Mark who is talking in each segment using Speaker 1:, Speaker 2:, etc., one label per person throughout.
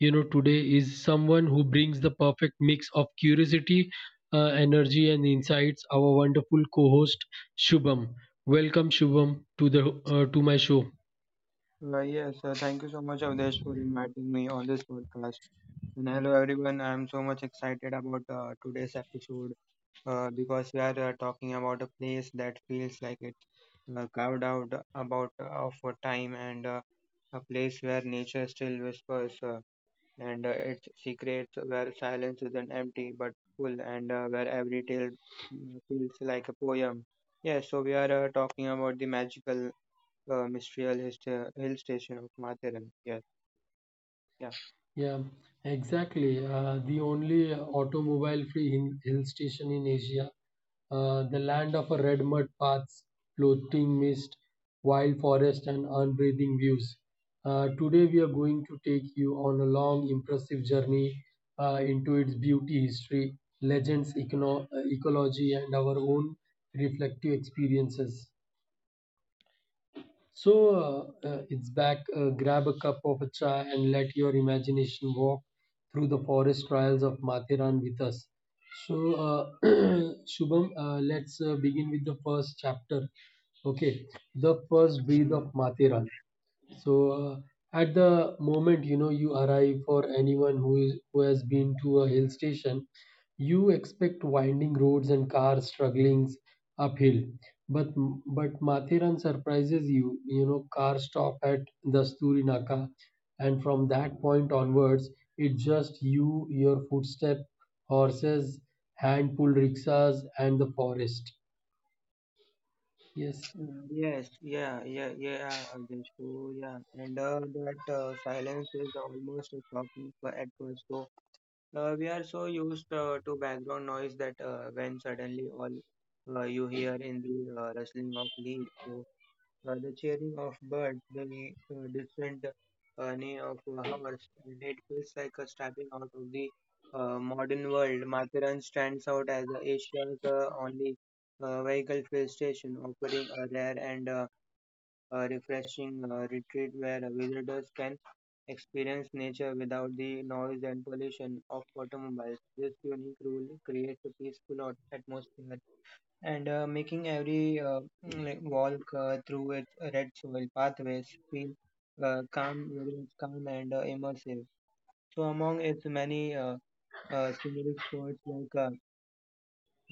Speaker 1: today is someone who brings the perfect mix of curiosity, energy, and insights. Our wonderful co-host, Shubham. Welcome, Shubham, to my show.
Speaker 2: Well, yes, thank you so much, Avdesh, for inviting me on this podcast. And hello, everyone. I'm so much excited about today's episode because we are talking about a place that feels like it's carved out about of a time and a place where nature still whispers and its secrets, where silence isn't empty but full, and where every tale feels like a poem. Yes, so we are talking about the magical Mistral hill, hill station of Matharan. Yes, yeah.
Speaker 1: Yeah, exactly. The only automobile-free hill station in Asia, the land of a red mud paths, floating mist, wild forest, and unbreathing views. Today, we are going to take you on a long, impressive journey into its beauty, history, legends, ecology, and our own reflective experiences. So, it's back. Grab a cup of chai and let your imagination walk through the forest trials of Mathiran with us. So, Shubham, let's begin with the first chapter. Okay, the first breath
Speaker 2: Mm.
Speaker 1: of Mathiran. So, at the moment, you arrive for anyone who has been to a hill station, you expect winding roads and cars struggling uphill. But but Mathiran surprises you. Cars stop at Dasturi Naka, and from that point onwards, it's just you, your footstep, horses, hand pulled rickshaws, and the forest. Yes.
Speaker 2: Mm, yes, yeah, yeah, yeah, Avdesh. So, yeah, and that silence is almost a shocking at first. So, we are so used to background noise that when suddenly all you hear in the rustling of leaves, so the cheering of birds, the distant neigh of a horse, and it feels like a stepping out of the modern world. Matharan stands out as Asia's only vehicle fuel station, offering a rare and refreshing retreat where visitors can experience nature without the noise and pollution of automobiles. This unique rule creates a peaceful atmosphere and making every like walk through its red soil pathways feel calm, very calm and immersive. So among its many scenic spots like uh,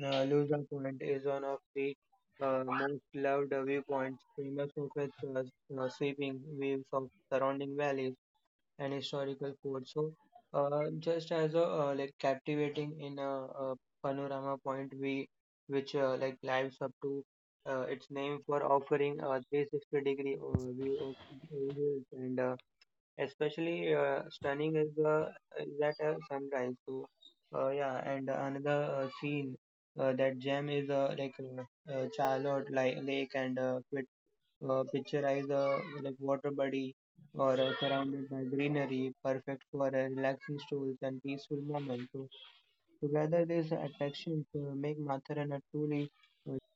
Speaker 2: uh, Lusa Point is one of the most loved viewpoints, famous for its sweeping views of surrounding valleys and historical fort. So, just as a like captivating in a panorama point, we which like lives up to its name for offering a 360 degree view of views and especially stunning is the is that sunrise. So, yeah, and another scene. That gem is like Charlotte like, Lake and picturize a like water body or surrounded by greenery, perfect for a relaxing strolls and peaceful moments. So together, these attractions make Matharan a truly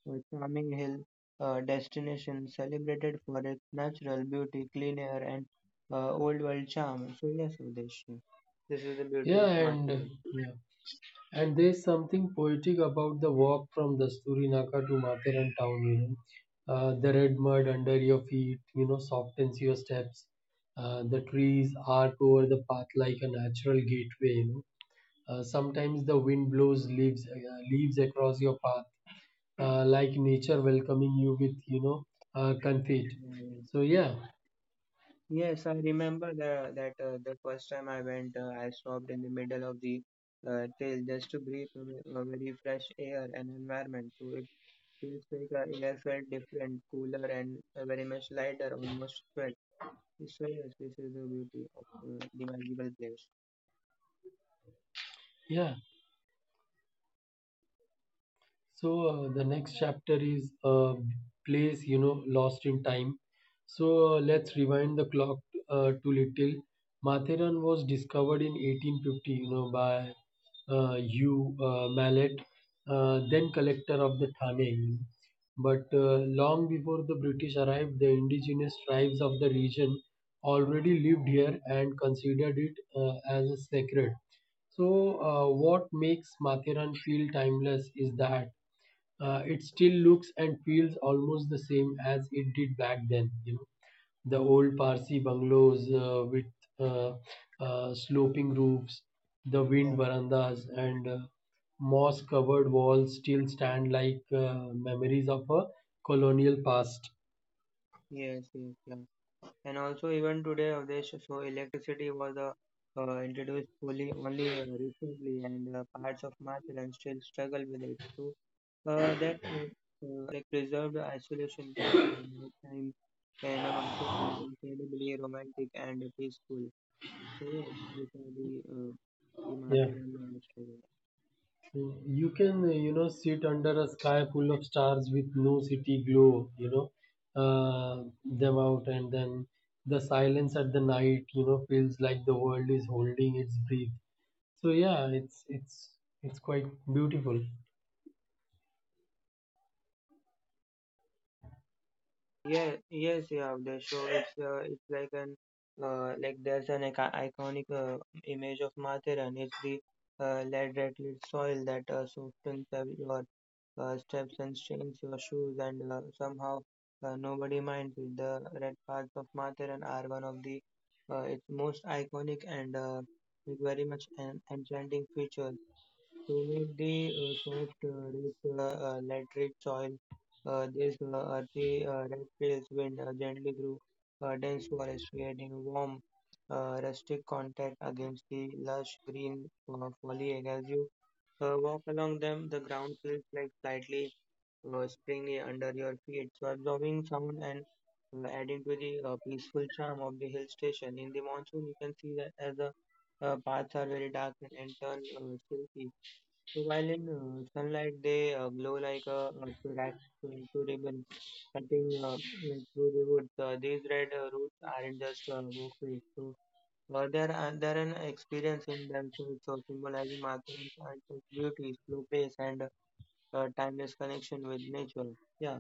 Speaker 2: charming hill destination, celebrated for its natural beauty, clean air, and old world charm. So yes, Udesh, this is the beauty
Speaker 1: Yeah,
Speaker 2: of
Speaker 1: and
Speaker 2: Matharan.
Speaker 1: yeah. And there's something poetic about the walk from Dasturinaka to Matheran town. The red mud under your feet, softens your steps. The trees arc over the path like a natural gateway. Sometimes the wind blows leaves across your path, like nature welcoming you with confit. So, yeah,
Speaker 2: Yes, I remember that the first time I went, I stopped in the middle of the trail just to breathe a a very fresh air and environment. So it feels like air felt different, cooler, and very much lighter, almost felt. So yes, this is the beauty of the magical place.
Speaker 1: yeah. So, the next chapter is a place lost in time. So, let's rewind the clock to little. Matheran was discovered in 1850, by Hugh Mallet, then collector of the Thane. But long before the British arrived, the indigenous tribes of the region already lived here and considered it as sacred. So, what makes Mathiran feel timeless is that it still looks and feels almost the same as it did back then. The old Parsi bungalows with uh, sloping roofs, the wind
Speaker 2: Yeah.
Speaker 1: verandas, and moss-covered walls still stand like memories of a colonial past.
Speaker 2: Yes, yes, yeah. And also even today, Avdesh, so electricity was introduced fully only recently, and parts of Mathur and still struggle with it. So that like preserved isolation makes nighttime in a mountain incredibly romantic and peaceful. So yeah, these are the
Speaker 1: Yeah.
Speaker 2: mountain and monastery.
Speaker 1: So you can sit under a sky full of stars with no city glow, them out, and then the silence at the night, feels like the world is holding its breath. So yeah, it's quite beautiful.
Speaker 2: Yeah, yes, yeah, the show. It's like an like there's an iconic image of Matharan. It's the lead-rattled soil that softens your steps and stains your shoes, and somehow nobody minds it. The red paths of Matharan are one of the its most iconic and very much an enchanting features to make the soft, rich, laterite soil. These earthy reptiles wind gently through dense forest, creating warm, rustic contact against the lush green foliage. As you walk along them, the ground feels like slightly springy under your feet, so absorbing sound and adding to the peaceful charm of the hill station. In the monsoon, you can see that as the paths are very dark and turn silky so, while in sunlight, they glow like a rack to to ribbon cutting through the woods. These red roots aren't just walkways. So, they're an experience in themselves, so symbolizing Mathur's ancestral beauty, slow pace, and timeless connection with nature. Yeah,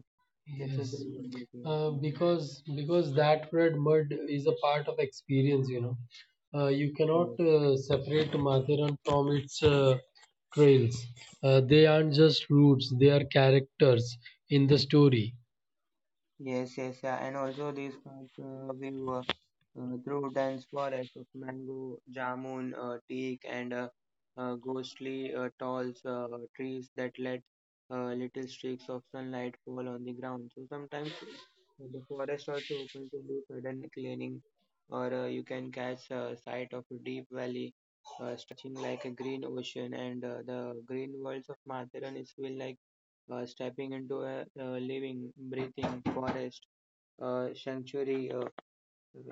Speaker 2: this is the
Speaker 1: Yes,
Speaker 2: real beauty of nature.
Speaker 1: because that red mud is a part of experience, you know. You cannot separate Mathiran from its trails. They aren't just routes; they are characters in the story.
Speaker 2: Yes, yes, yeah, and also these parts we were through dense forests of mango, jamun, teak, and ghostly tall trees that let little streaks of sunlight fall on the ground. So sometimes the forest also open to do sudden clearing, or you can catch sight of a deep valley stretching like a green ocean, and the green worlds of Matharan is feel like stepping into a, living, breathing forest, sanctuary.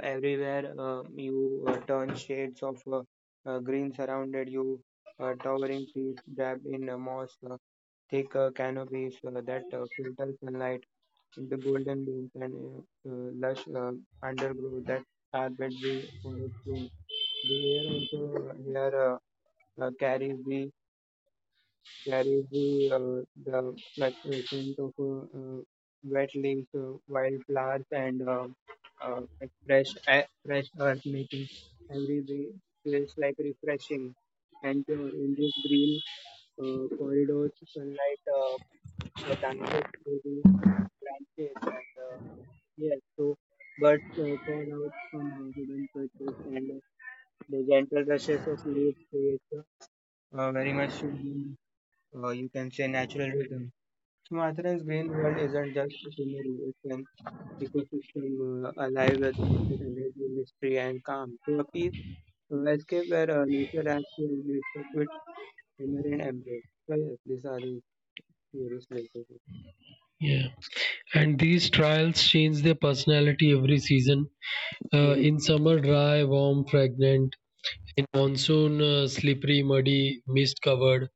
Speaker 2: Everywhere you turn shades of green surrounded you, towering trees wrapped in moss, thick canopies that filter sunlight into golden beams and lush undergrowth that carpets the forest floor. The air also here carries the There is the like scent of wet leaves, wildflowers, and like fresh air, fresh earth, making every way feels like refreshing and pure. In these green corridors, sunlight dances through the branches, and yes, so birds call out from hidden perches, and the gentle rushes of leaves creates very much soothing, you can say, natural rhythm. Sumatra's green world isn't just a scenery, it's an ecosystem alive with energy, mystery, and calm. So, a peace escape where nature acts and it's a quit inherent embrace. So, yes, these are the various places.
Speaker 1: Yeah, and these trials change their personality every season.
Speaker 2: Yes,
Speaker 1: In summer, dry, warm, fragrant. In monsoon, slippery, muddy, mist covered.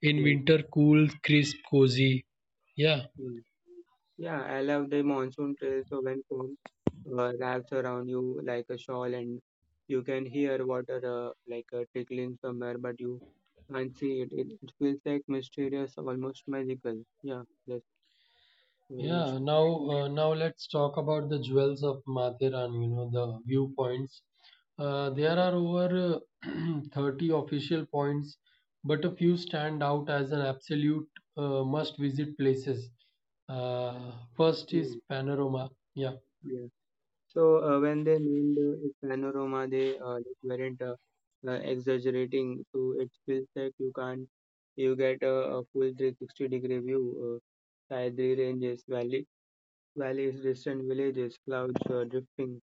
Speaker 1: In
Speaker 2: yes,
Speaker 1: winter, cool, crisp, cozy. Yeah.
Speaker 2: yes. Yeah, I love the monsoon trails. So, when phone wraps around you like a shawl and you can hear water like trickling somewhere, but you can't see it. It feels like mysterious, almost magical. Yeah, very much.
Speaker 1: Yeah, now let's talk about the jewels of Mathiran, the viewpoints. There are over 30 official points, but a few stand out as an absolute must visit places. First
Speaker 2: Yeah,
Speaker 1: is Panorama. Yeah.
Speaker 2: yeah. So when they named it panorama, they like, weren't exaggerating. So it feels like you can't, you get a full 360-degree view. Taidri ranges, valleys, distant villages, clouds drifting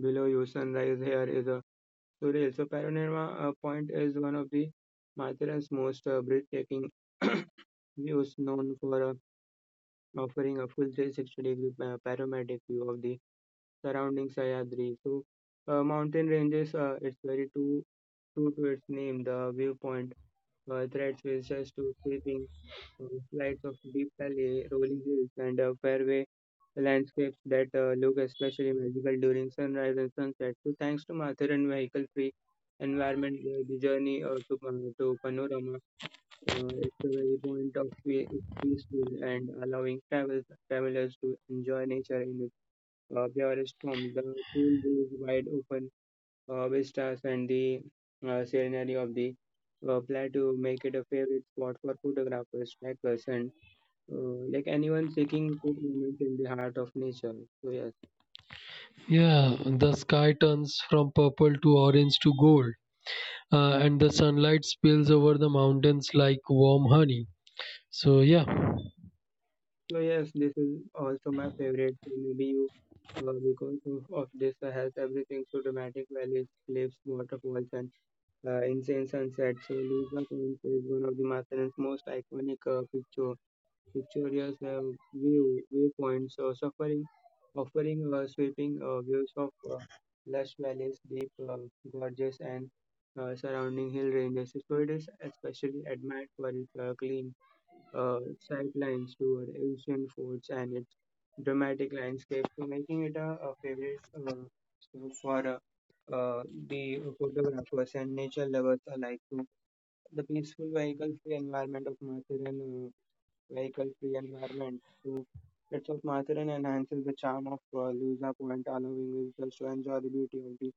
Speaker 2: below you. Sunrise here is a surreal. So panorama point is one of the Mathura's most breathtaking views, known for offering a full 360 degree panoramic view of the surrounding Sahyadri. So, mountain ranges, it's very true, true to its name, the viewpoint, threats visitors to sweeping uh, slides of deep valley, rolling hills, and fairway landscapes that look especially magical during sunrise and sunset. So, thanks to Mathur vehicle free environment, the journey to, to Panorama it's a very point of view is peaceful and allowing travelers to enjoy nature in purest form. The pool is wide open vistas and the scenery of the plateau make it a favorite spot for photographers, hikers, and like anyone seeking good moments in the heart of nature. So yes,
Speaker 1: Yeah, the sky turns from purple to orange to gold, and the sunlight spills over the mountains like warm honey. So, yeah.
Speaker 2: so yes, this is also my favorite. So maybe you. Because of this, has everything so dramatic valleys, cliffs, waterfalls, and insane sunset. So, Lusa Point is one of the Matherin's most iconic picture pictorials have viewpoints suffering offering sweeping views of lush valleys deep gorges and surrounding hill ranges so it is especially admired for its clean uh, sightlines toward ancient forts and its dramatic landscape so making it a favorite so for uh, the photographers and nature lovers alike. So the peaceful, vehicle-free environment of Mathur and vehicle-free environment to its of Mathur and enhances the charm of Luza Point, allowing visitors to enjoy the beauty of the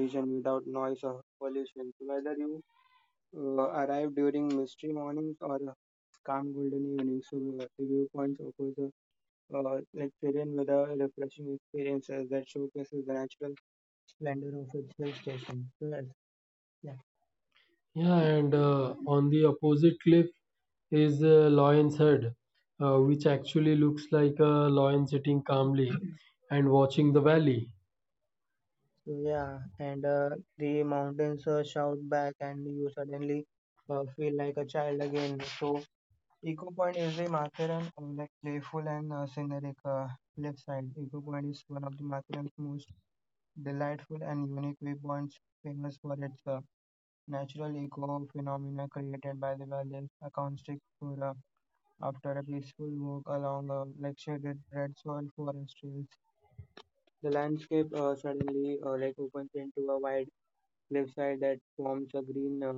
Speaker 2: region without noise or pollution. So whether you arrive during misty mornings or calm golden evenings, so the viewpoints offers a like with a refreshing experiences that showcases the natural splendor of its hill station. So yes,
Speaker 1: Yeah, and on the opposite cliff, is a lion's head, which actually looks like a lion sitting calmly and watching the valley.
Speaker 2: yeah, and the mountains shout back, and you suddenly feel like a child again. So, Eco Point is the Matharan like playful and scenic left side. Eco Point is one of the Matharan's most delightful and unique viewpoints, famous for its natural eco phenomena created by the valley, acoustic for after a peaceful walk along like shaded red soil forest trails. The landscape suddenly like opens into a wide left side that forms a green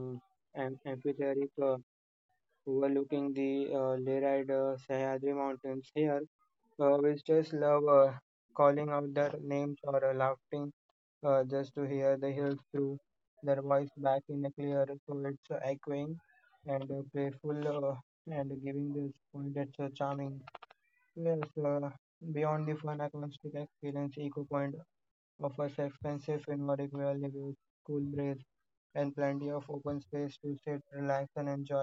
Speaker 2: amphitheatric overlooking the Leride Sahyadri Mountains. Here, visitors love calling out their names or laughing just to hear the hills through their voice back in the clear, so it's echoing and playful and giving this point that's charming. Yes, uh, beyond the fun acoustic experience, Eco Point offers expensive and more equal cool breeze and plenty of open space to sit, relax, and enjoy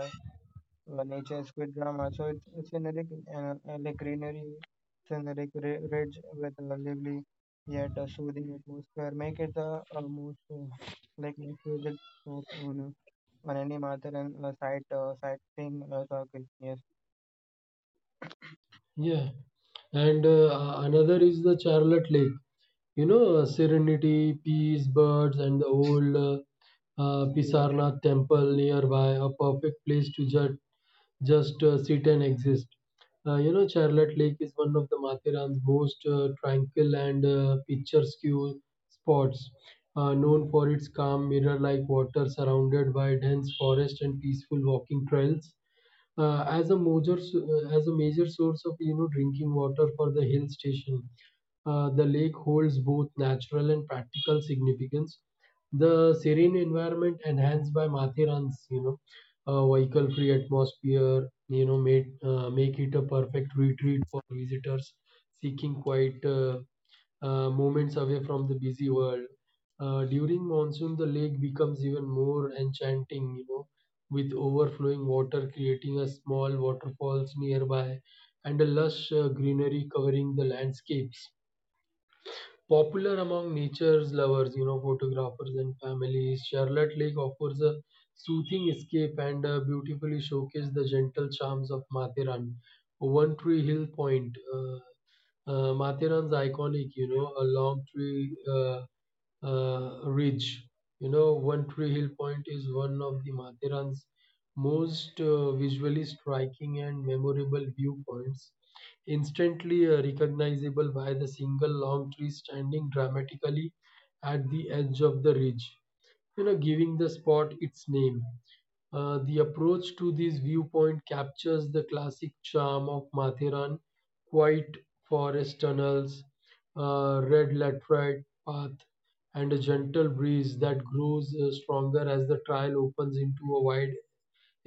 Speaker 2: nature's quick drama. So it's a scenic, uh, like greenery, scenic ridge with a lively yet a soothing atmosphere. Make it the most like most visit stop on any mountain and sight sightseeing circuit. Yes.
Speaker 1: Yeah. And another is the Charlotte Lake. Serenity, peace, birds, and the old
Speaker 2: Yes.
Speaker 1: Pisarnath temple nearby, a perfect place to judge just sit and exist. Charlotte Lake is one of the Mathiran's most tranquil and picturesque spots, known for its calm, mirror-like water surrounded by dense forest and peaceful walking trails. As a major source of drinking water for the hill station, the lake holds both natural and practical significance. The serene environment enhanced by Mathiran's, a vehicle-free atmosphere, make it a perfect retreat for visitors seeking quiet moments away from the busy world. During monsoon, the lake becomes even more enchanting, with overflowing water creating a small waterfalls nearby and a lush greenery covering the landscapes. Popular among nature's lovers, photographers and families, Charlotte Lake offers a soothing escape and beautifully showcases the gentle charms of Mathiran. One Tree Hill Point, Mathiran's iconic, a long tree ridge. One Tree Hill Point is one of the Mathiran's most visually striking and memorable viewpoints instantly recognizable by the single long tree standing dramatically at the edge of the ridge, giving the spot its name. The approach to this viewpoint captures the classic charm of Mathiran, quiet forest tunnels, red laterite path, and a gentle breeze that grows stronger as the trail opens into a wide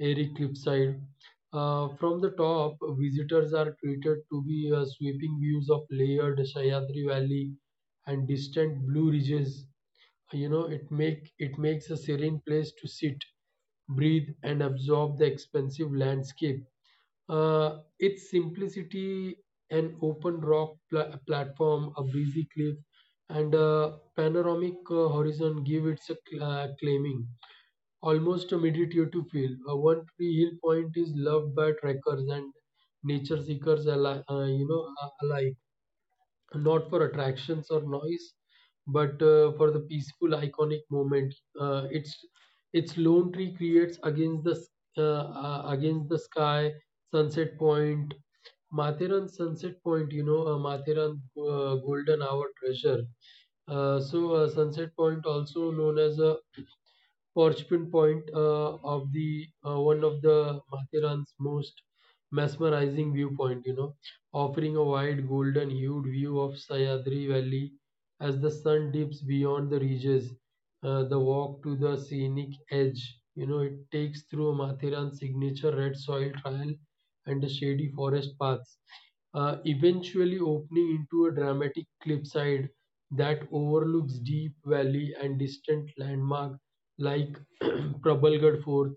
Speaker 1: airy cliffside. From the top, visitors are treated to be sweeping views of layered Sahyadri Valley and distant blue ridges. It makes a serene place to sit, breathe, and absorb the expansive landscape. Its simplicity, an open rock platform, a breezy cliff, and a panoramic horizon give it a claiming almost a meditative feel. One Tree Hill Point is loved by trekkers and nature seekers alike, you know, a- alike, not for attractions or noise, but for the peaceful, iconic moment. Uh, its its lone tree creates against the sky. Sunset Point, Matheran Sunset Point, Matheran Golden Hour treasure. Sunset Point, also known as Porcupine Point of the one of the Matheran's most mesmerizing viewpoint, offering a wide golden hued view of Sayadri Valley as the sun dips beyond the ridges. The walk to the scenic edge, it takes through Matheran's signature red soil trail and the shady forest paths, eventually opening into a dramatic cliffside that overlooks deep valley and distant landmark like Prabal Gad Fort,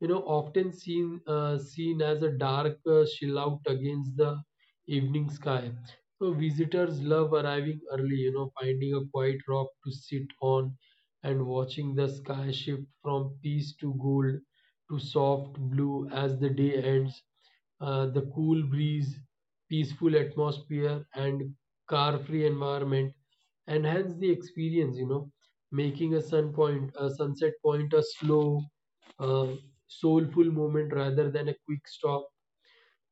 Speaker 1: often seen as a dark silhouette against the evening sky. So visitors love arriving early, finding a quiet rock to sit on and watching the sky shift from peace to gold to soft blue as the day ends. The cool breeze, peaceful atmosphere, and car-free environment enhance the experience, making a sunset point, a slow uh, soulful moment rather than a quick stop.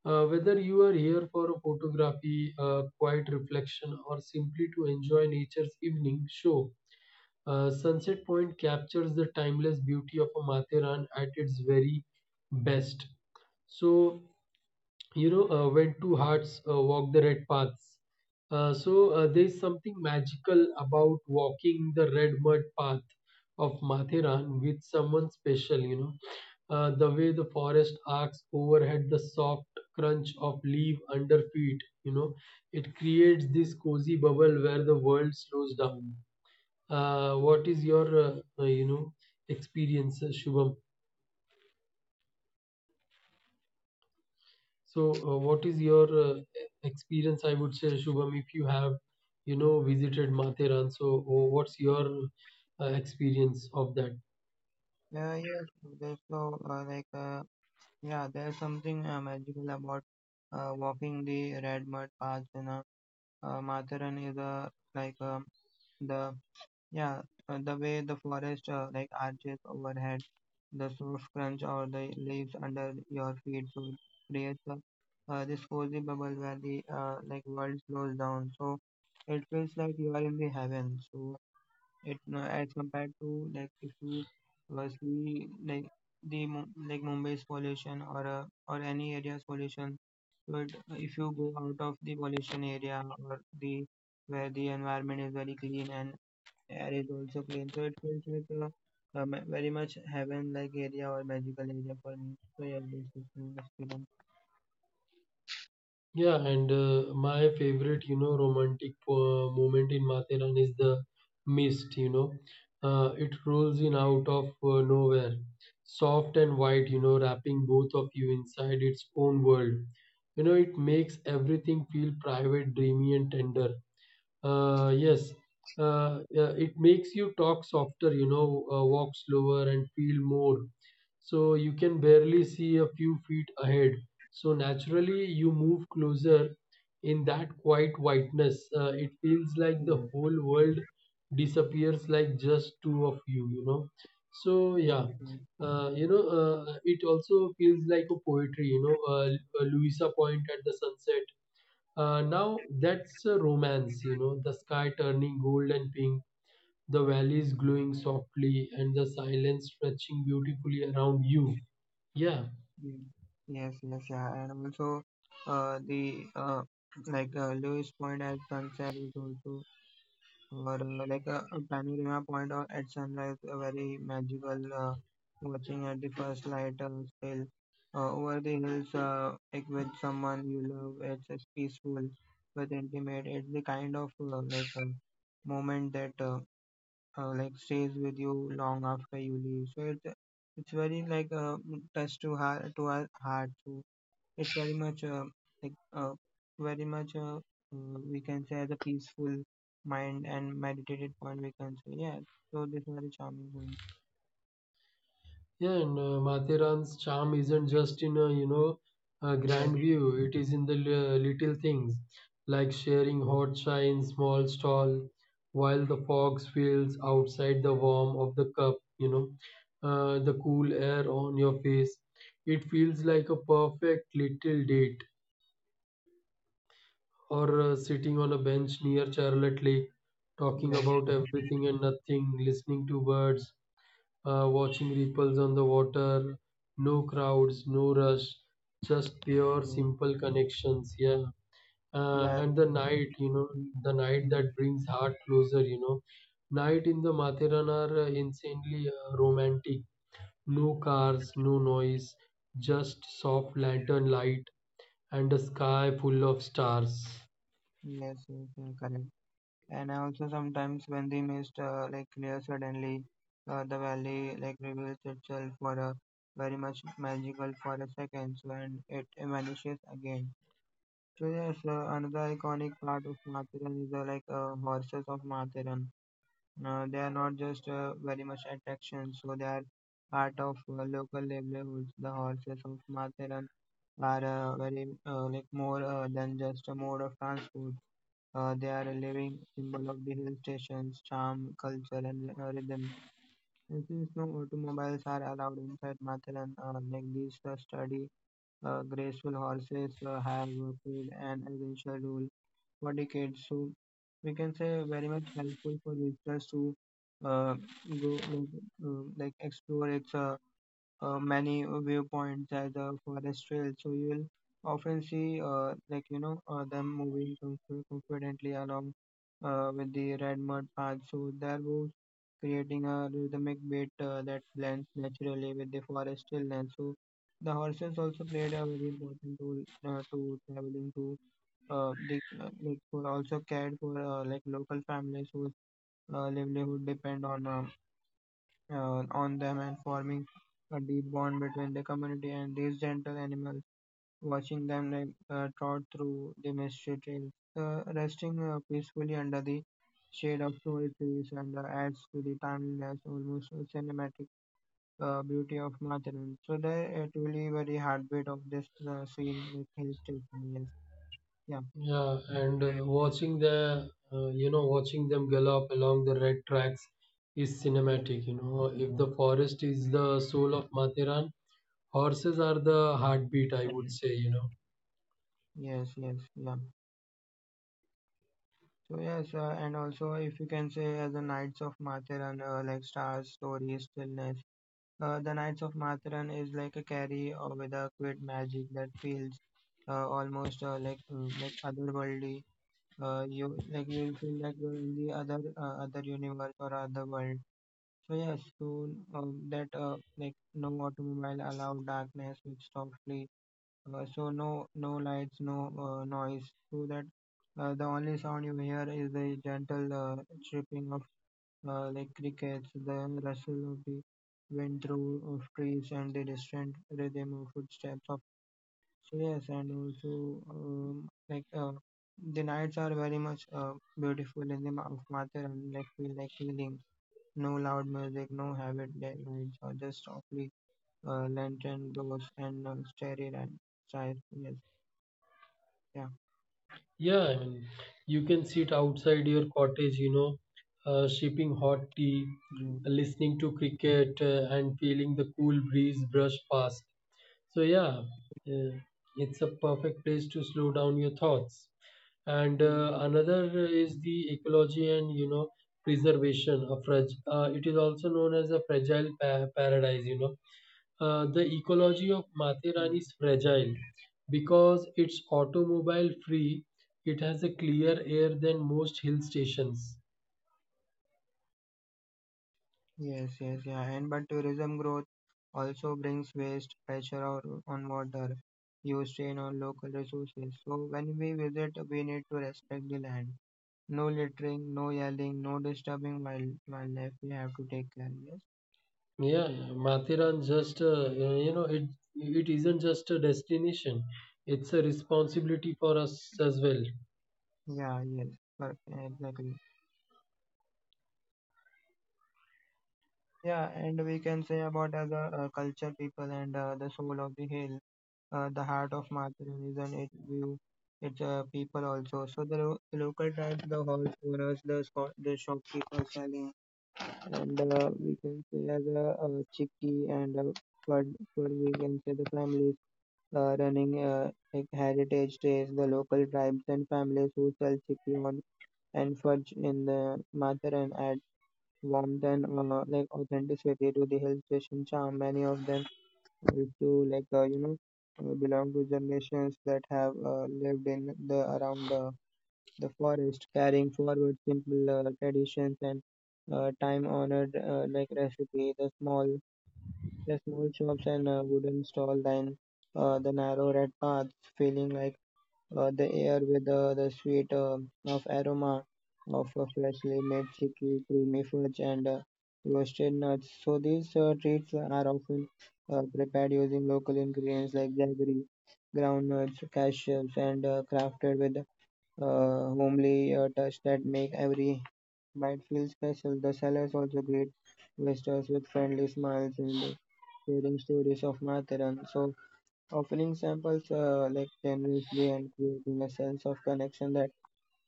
Speaker 1: Whether you are here for a photography, quiet reflection, or simply to enjoy nature's evening show, Sunset Point captures the timeless beauty of a Mathiran at its very best. So, when two hearts walk the red paths. There's something magical about walking the red mud path of Mathiran with someone special. The way the forest arcs overhead, the soft crunch of leaf under feet, it creates this cozy bubble where the world slows down. What is your, uh, you know, experience, Shubham? So, what is your experience? I would say, Shubham, if you have, visited Matheran, so oh, what's your experience of that?
Speaker 2: Yeah, yes, there's no like yeah, there's something magical about walking the red mud paths in a Matharan is a like a the yeah the way the forest like arches overhead the soft crunch or the leaves under your feet, so it creates this cozy bubble where the like world slows down, so it feels like you are in the heaven, so it as compared to like if you was the like the Mumbai's pollution or any area's pollution, but if you go out of the pollution area or the where the environment is very clean and air is also clean. So it feels like a very much heaven-like area or magical area for me. So yeah, this is my experience.
Speaker 1: Yeah, and my favorite, romantic moment in Matheran is the mist. It rolls in out of nowhere, soft and white, wrapping both of you inside its own world. It makes everything feel private, dreamy, and tender. Yes, it makes you talk softer, walk slower and feel more. So you can barely see a few feet ahead. So naturally, you move closer in that quiet whiteness. It feels like the
Speaker 2: Yes,
Speaker 1: whole world disappears, like just two of you, you know. So, yeah.
Speaker 2: yes, yes,
Speaker 1: It also feels like a poetry, Louisa Point at the sunset now that's a romance, the sky turning gold and pink, the valleys glowing softly, and the silence stretching beautifully around you. Yeah,
Speaker 2: yes, yes, yes, yeah. And also, the like Lewis Point at sunset is also or like a panorama point or at sunrise, a very magical watching at the first light sail over the hills like with someone you love. It's peaceful but intimate. It's the kind of like moment that like stays with you long after you leave. So it's very like a touch to heart to our heart. So it's very much like very much we can say as a peaceful mind and meditated point, we can say, yeah. So this is very charming point.
Speaker 1: yeah, and Mathiran's charm isn't just in a
Speaker 2: Yes,
Speaker 1: grand view, it is in the little things, like sharing hot chai in small stall, while the fog fills outside the warm of the cup, the cool air on your face. It feels like a perfect little date or sitting on a bench near Charlotte Lake, talking
Speaker 2: yes,
Speaker 1: about
Speaker 2: yes,
Speaker 1: everything and nothing, listening to birds, watching ripples on the water, no crowds, no rush, just pure,
Speaker 2: yes,
Speaker 1: simple connections. Yeah. Uh,
Speaker 2: yes,
Speaker 1: and the
Speaker 2: yes.
Speaker 1: night, you know, the night
Speaker 2: Hmm.
Speaker 1: that brings heart closer, you know. Night in the Mathiran are insanely romantic. No cars, no noise, just soft lantern light and a sky full of stars.
Speaker 2: Yes, yes, yes, correct. And I also sometimes when the mist like clears suddenly, the valley like reveals itself for a very much magical for a second, so and it vanishes again. So yes, another iconic part of Matharan is like horses of Matharan. They are not just very much attractions, so they are part of local livelihoods. The horses of Matharan are very like more than just a mode of transport. They are a living symbol of the hill stations, charm, culture, and rhythm. And since no automobiles are allowed inside Matharan, like these study graceful horses have played an essential role for decades. So we can say very much helpful for visitors to uh, go like explore its many viewpoints as a forest trail. So you will often see like them moving confidently along with the red mud path. So their moves creating a rhythmic beat that blends naturally with the forest stillness. So the horses also played a very important role to traveling to they like could also cared for like local families whose livelihood depend on them and forming a deep bond between the community and these gentle animals, watching them like trot through the mystery trails, resting peacefully under the shade of tall trees and adds to the timeless almost cinematic beauty of Matharan. So they're truly very heartbeat of this scene with hill station. Yes. Yeah.
Speaker 1: Yeah, and watching the watching them gallop along the red tracks is cinematic.
Speaker 2: Yes.
Speaker 1: You know, if the forest is
Speaker 2: Mm,
Speaker 1: the soul of Mathiran, horses are the heartbeat, I
Speaker 2: yeah.
Speaker 1: would say, you know.
Speaker 2: Yes, yes, yeah. So yes, and also if you can say as the Knights of Matharan, like stars, stories, stillness. The Knights of Matharan is like a carry or with a great magic that feels almost like otherworldly. You like you will feel like you're in the other universe or other world. So yes, so that like no automobile allow darkness which softly so no lights, no noise, so that the only sound you hear is the gentle chirping of like crickets, the rustle of the wind through of trees, and the distant rhythm of footsteps of. So yes, and also like the nights are very much beautiful in the month of Mathur and like feel like healing. No loud music, no habit lights, or just softly lantern glows and starry and stars. Yes, yeah.
Speaker 1: Yeah, I mean, you can sit outside your cottage, sipping hot tea,
Speaker 2: Mm,
Speaker 1: listening to cricket, and feeling the cool breeze brush past. So yeah, uh, it's a perfect place to slow down your thoughts. and
Speaker 2: mm,
Speaker 1: uh, another is the ecology and, you know, preservation of it is also known as a fragile paradise, you know. The ecology of Mathurani
Speaker 2: mm.
Speaker 1: is fragile because it's automobile free. It has a clear air than most hill stations.
Speaker 2: Yes, yes, yeah. And but tourism growth also brings waste pressure or on water, usage and on local resources. So when we visit, we need to respect the land. No littering, no yelling, no disturbing wild wildlife. We have to take care. Yes.
Speaker 1: Yeah, Mathiran, just it isn't just a destination, it's a responsibility for us as well.
Speaker 2: Yeah. Yes. per- Exactly. Yeah, and we can say about as a culture people and the soul of the hill. The heart of Martinism, its view, its people also. So the local tribes, the hall owners, the shopkeepers selling, and we can say as a chicky and what what we can say the families running like heritage days, the local tribes and families who sell chicky on and fudge in the Mataran add warmth and like authenticity to the hill station charm. Many of them if you like, belong to generations that have lived in the around the forest, carrying forward simple traditions and time-honored like recipe, the small shops and wooden stall, then the narrow red paths, feeling like the air with the sweet of aroma of freshly made chicky, creamy fudge, and roasted nuts. So these treats are often prepared using local ingredients like jaggery, groundnuts, cashews, and crafted with homely touch that make every bite feel special. The sellers also greet visitors with friendly smiles and sharing stories of Matharan. So offering samples like generously and creating a sense of connection that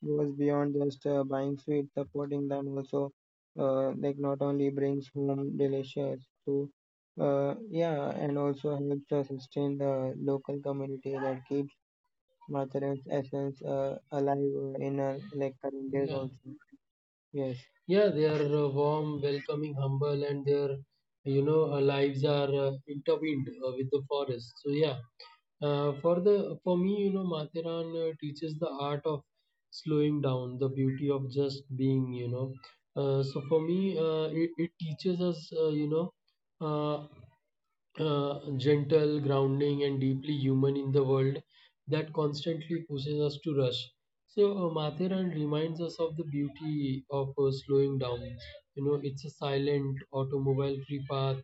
Speaker 2: goes beyond just buying sweets. Supporting them also, like not only brings home delicious yeah, and also helps us sustain the local community that keeps Matharan's essence alive in our like current days
Speaker 1: yeah
Speaker 2: also. Yes,
Speaker 1: Yeah, they are warm, welcoming, humble, and their, lives are intertwined with the forest. So yeah, for me, you know, Mathiran teaches the art of slowing down, the beauty of just being. You know, so for me, it teaches us, uh gentle, grounding, and deeply human in the world that constantly pushes us to rush. So, Mathiran reminds us of the beauty of slowing down. You know, it's a silent, automobile free path,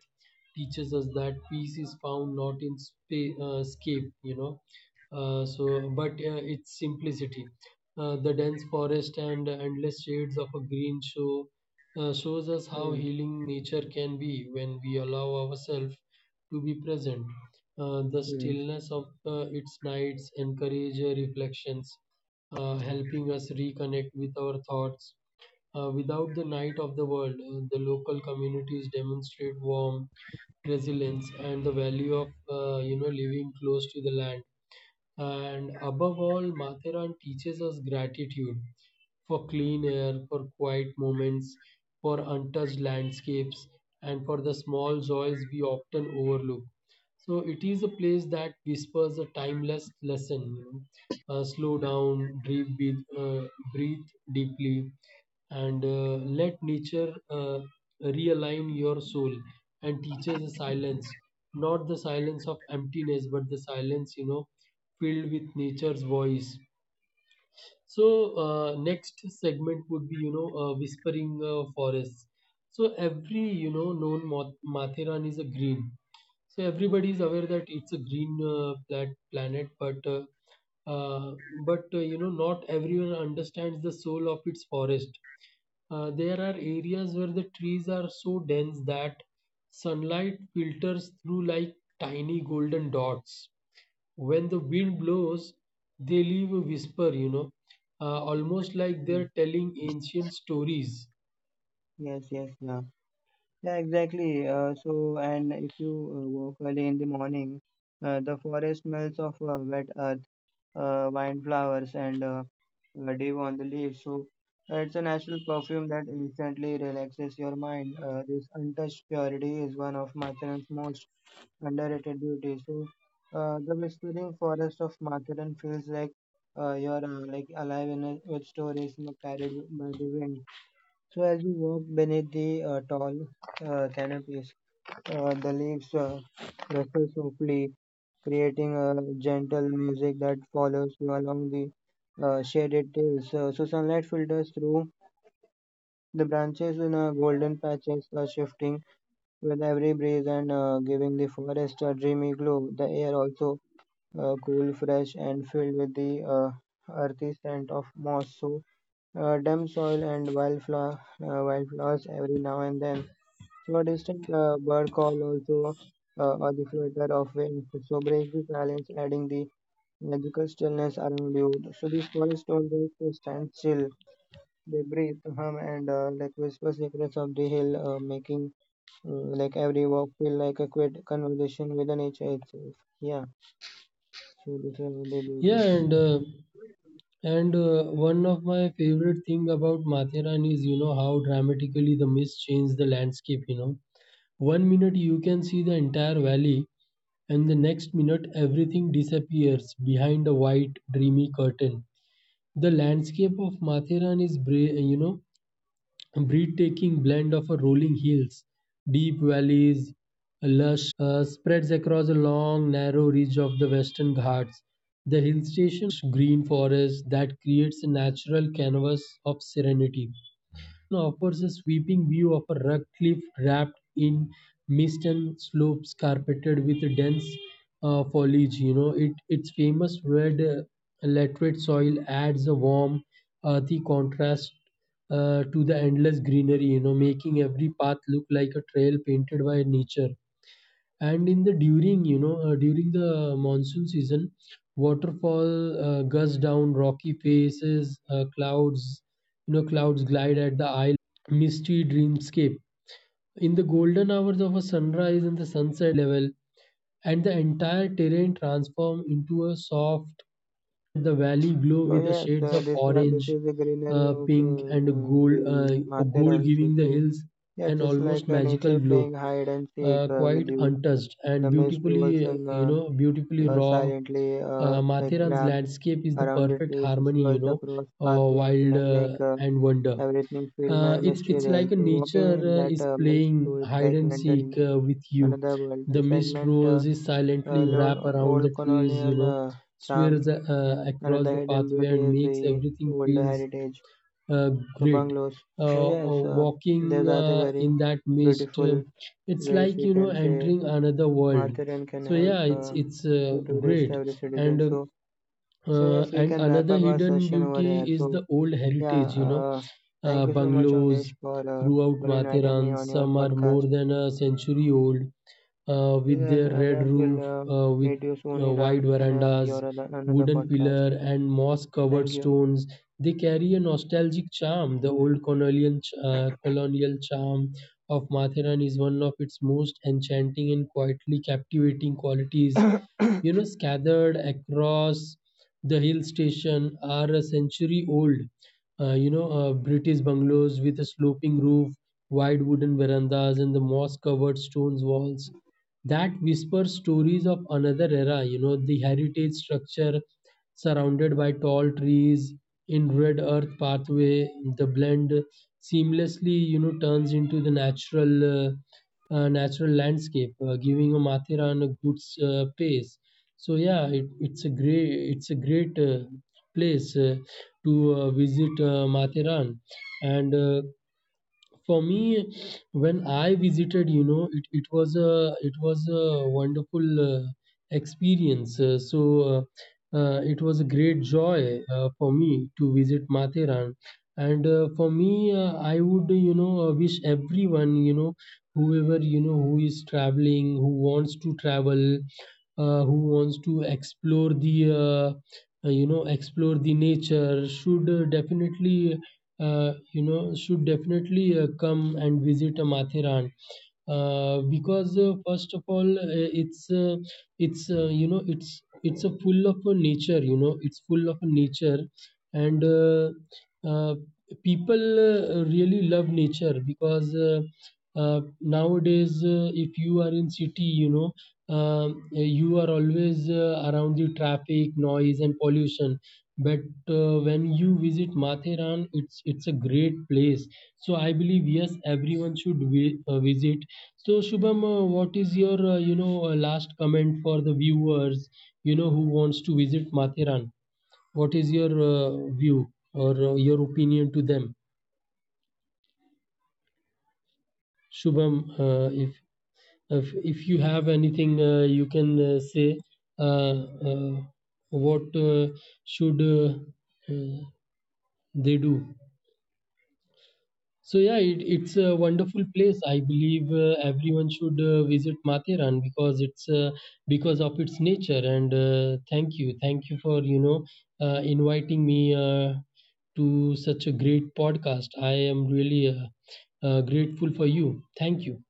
Speaker 1: teaches us that peace is found not in escape, you know, but its simplicity. The dense forest and endless shades of a green shows us how
Speaker 2: yes,
Speaker 1: healing nature can be when we allow ourselves to be present. The
Speaker 2: yes,
Speaker 1: stillness of its nights encourage reflections, helping us reconnect with our thoughts. Without the night of the world, the local communities demonstrate warmth, resilience, and the value of, living close to the land. And above all, Matharan teaches us gratitude for clean air, for quiet moments, for untouched landscapes, and for the small joys we often overlook. So it is a place that whispers a timeless lesson. You know, slow down, breathe, breathe deeply, and let nature realign your soul and teaches a silence, not the silence of emptiness, but the silence, you know, filled with nature's voice. So next segment would be, you know, whispering forests. So every, you know, Mathiran is a green. So everybody is aware that it's a green planet, but uh, you know, not everyone understands the soul of its forest. There are areas where the trees are so dense that sunlight filters through like tiny golden dots. When the wind blows, they leave a whisper, you know, almost like
Speaker 2: yes,
Speaker 1: they're telling ancient stories.
Speaker 2: yes, yes, yeah. Yeah, exactly. So, and if you walk early in the morning, the forest smells of wet earth, wildflowers, and dew on the leaves. So, it's a natural perfume that instantly relaxes your mind. This untouched purity is one of Matharan's most underrated beauties. So, the whispering forest of Matharan feels like you're like alive in a, with stories you carried by the wind, so as you walk beneath the tall canopies, the leaves rustle softly, creating a gentle music that follows you along the shaded trails. So sunlight filters through the branches in a golden patches, shifting with every breeze and giving the forest a dreamy glow. The air also cool, fresh, and filled with the earthy scent of moss. So damp soil and wildflowers every now and then, so a distant bird call also or the flutter of wings so breaks the silence, adding the magical stillness around you. So these forests don't just stand still; they breathe, hum, and like whisper secrets of the hill, making like every walk feel like a quick conversation with the nature itself. Yeah, so this is the beauty.
Speaker 1: Yeah, and one of my favorite thing about Mathiran is, you know, how dramatically the mist changed the landscape. You know, one minute you can see the entire valley, and the next minute everything disappears behind a white, dreamy curtain. The landscape of Mathiran is, a breathtaking blend of rolling hills, deep valleys, lush, spreads across a long, narrow ridge of the Western Ghats. The hill station's green forest that creates a natural canvas of serenity now offers a sweeping view of a rugged cliff wrapped in mist and slopes carpeted with dense foliage. You know, it its famous red laterite soil adds a warm, earthy contrast to the endless greenery. You know, making every path look like a trail painted by nature, and in the during you know during the monsoon season, waterfall gush down rocky faces. Clouds you know Clouds glide at the eye, misty dreamscape. In the golden hours of a sunrise and the sunset level, and the entire terrain transform into a soft. The valley glow
Speaker 2: So
Speaker 1: with the
Speaker 2: yes,
Speaker 1: shades of
Speaker 2: this
Speaker 1: orange,
Speaker 2: is the greenery of
Speaker 1: pink and
Speaker 2: the
Speaker 1: gold,
Speaker 2: Matterhorn. So,
Speaker 1: giving the
Speaker 2: so
Speaker 1: hills
Speaker 2: yeah,
Speaker 1: an
Speaker 2: just like
Speaker 1: almost magical
Speaker 2: nature
Speaker 1: glow,
Speaker 2: playing hide and seek
Speaker 1: quite
Speaker 2: with you.
Speaker 1: untouched
Speaker 2: The
Speaker 1: and
Speaker 2: mist rolls
Speaker 1: beautifully,
Speaker 2: in
Speaker 1: beautifully raw.
Speaker 2: silently like
Speaker 1: Mathiran's
Speaker 2: wrapped
Speaker 1: landscape is the
Speaker 2: around the
Speaker 1: perfect
Speaker 2: trees,
Speaker 1: harmony, you
Speaker 2: swirls
Speaker 1: know,
Speaker 2: across pathways to
Speaker 1: wild
Speaker 2: and make
Speaker 1: and wonder.
Speaker 2: everything feel my
Speaker 1: It's
Speaker 2: mysterious.
Speaker 1: like a
Speaker 2: So walking
Speaker 1: nature
Speaker 2: in that
Speaker 1: is
Speaker 2: mist through
Speaker 1: playing
Speaker 2: it's
Speaker 1: hide
Speaker 2: like
Speaker 1: and seek
Speaker 2: entering
Speaker 1: with you.
Speaker 2: another world.
Speaker 1: The
Speaker 2: So
Speaker 1: mist
Speaker 2: segment
Speaker 1: rolls is silently,
Speaker 2: old,
Speaker 1: wrap around
Speaker 2: old
Speaker 1: the trees, you
Speaker 2: colonial
Speaker 1: know,
Speaker 2: charm.
Speaker 1: swirls across
Speaker 2: Another
Speaker 1: the
Speaker 2: hidden
Speaker 1: pathway
Speaker 2: beauty
Speaker 1: and
Speaker 2: is
Speaker 1: makes
Speaker 2: the
Speaker 1: everything
Speaker 2: old
Speaker 1: feels
Speaker 2: heritage.
Speaker 1: uh,
Speaker 2: So
Speaker 1: great.
Speaker 2: bungalows. So
Speaker 1: Uh, uh,
Speaker 2: yes,
Speaker 1: walking
Speaker 2: these are the
Speaker 1: uh,
Speaker 2: very
Speaker 1: in that mist,
Speaker 2: beautiful
Speaker 1: it's
Speaker 2: ways
Speaker 1: like,
Speaker 2: we
Speaker 1: you know,
Speaker 2: can say
Speaker 1: entering another world.
Speaker 2: Matharan can
Speaker 1: So
Speaker 2: help
Speaker 1: yeah, it's it's uh,
Speaker 2: to tourist
Speaker 1: great.
Speaker 2: every
Speaker 1: And
Speaker 2: citizen.
Speaker 1: uh,
Speaker 2: So,
Speaker 1: uh,
Speaker 2: yes, we
Speaker 1: and
Speaker 2: can wrap
Speaker 1: another
Speaker 2: up our
Speaker 1: hidden
Speaker 2: session over
Speaker 1: beauty
Speaker 2: here.
Speaker 1: is
Speaker 2: So
Speaker 1: the old
Speaker 2: yeah,
Speaker 1: heritage. You know,
Speaker 2: thank you so much,
Speaker 1: bungalows
Speaker 2: Avdesh, for
Speaker 1: throughout
Speaker 2: inviting me
Speaker 1: Mathiran.
Speaker 2: on your
Speaker 1: Some are
Speaker 2: podcast.
Speaker 1: more than a century old,
Speaker 2: So
Speaker 1: with
Speaker 2: yeah,
Speaker 1: their red
Speaker 2: yes, we'll
Speaker 1: roof, with
Speaker 2: meet you soon in, our,
Speaker 1: wide
Speaker 2: in
Speaker 1: verandas,
Speaker 2: your another
Speaker 1: wooden
Speaker 2: podcast.
Speaker 1: pillar, and moss-covered
Speaker 2: Thank you.
Speaker 1: stones. They carry a nostalgic charm. The old colonial, colonial charm of Matheran is one of its most enchanting and quietly captivating qualities. You know, scattered across the hill station are a century-old, British bungalows with a sloping roof, wide wooden verandas, and the moss covered stones walls that whispers stories of another era. You know, the heritage structure surrounded by tall trees in red earth pathway, the blend seamlessly, you know, turns into the natural landscape, giving a Mathiran a good pace. So yeah, it's a great place to visit, Mathiran. And for me, when I visited, you know, it was a wonderful experience. Uh, So it was a great joy for me to visit Matheran. And for me, I would, wish everyone, you know, who is traveling, who wants to travel, who wants to explore the, uh, explore the nature, should, definitely, should definitely come and visit Matheran. Because, first of all, it's you know it's a full of a nature. You know, it's full of a nature, and uh, people really love nature because nowadays, if you are in city, you know, you are always around the traffic, noise, and pollution, but when you visit Matheran, it's a great place. So I believe, yes, everyone should visit. So Shubham, what is your, last comment for the viewers, you know, who wants to visit Matheran? What is your view or your opinion to them, Shubham? If you have anything, you can say. Uh, uh, what should uh, they do? So yeah, it's a wonderful place. I believe everyone should visit Matheran because it's, because of its nature. And thank you for, inviting me to such a great podcast. I am really grateful for you. Thank you.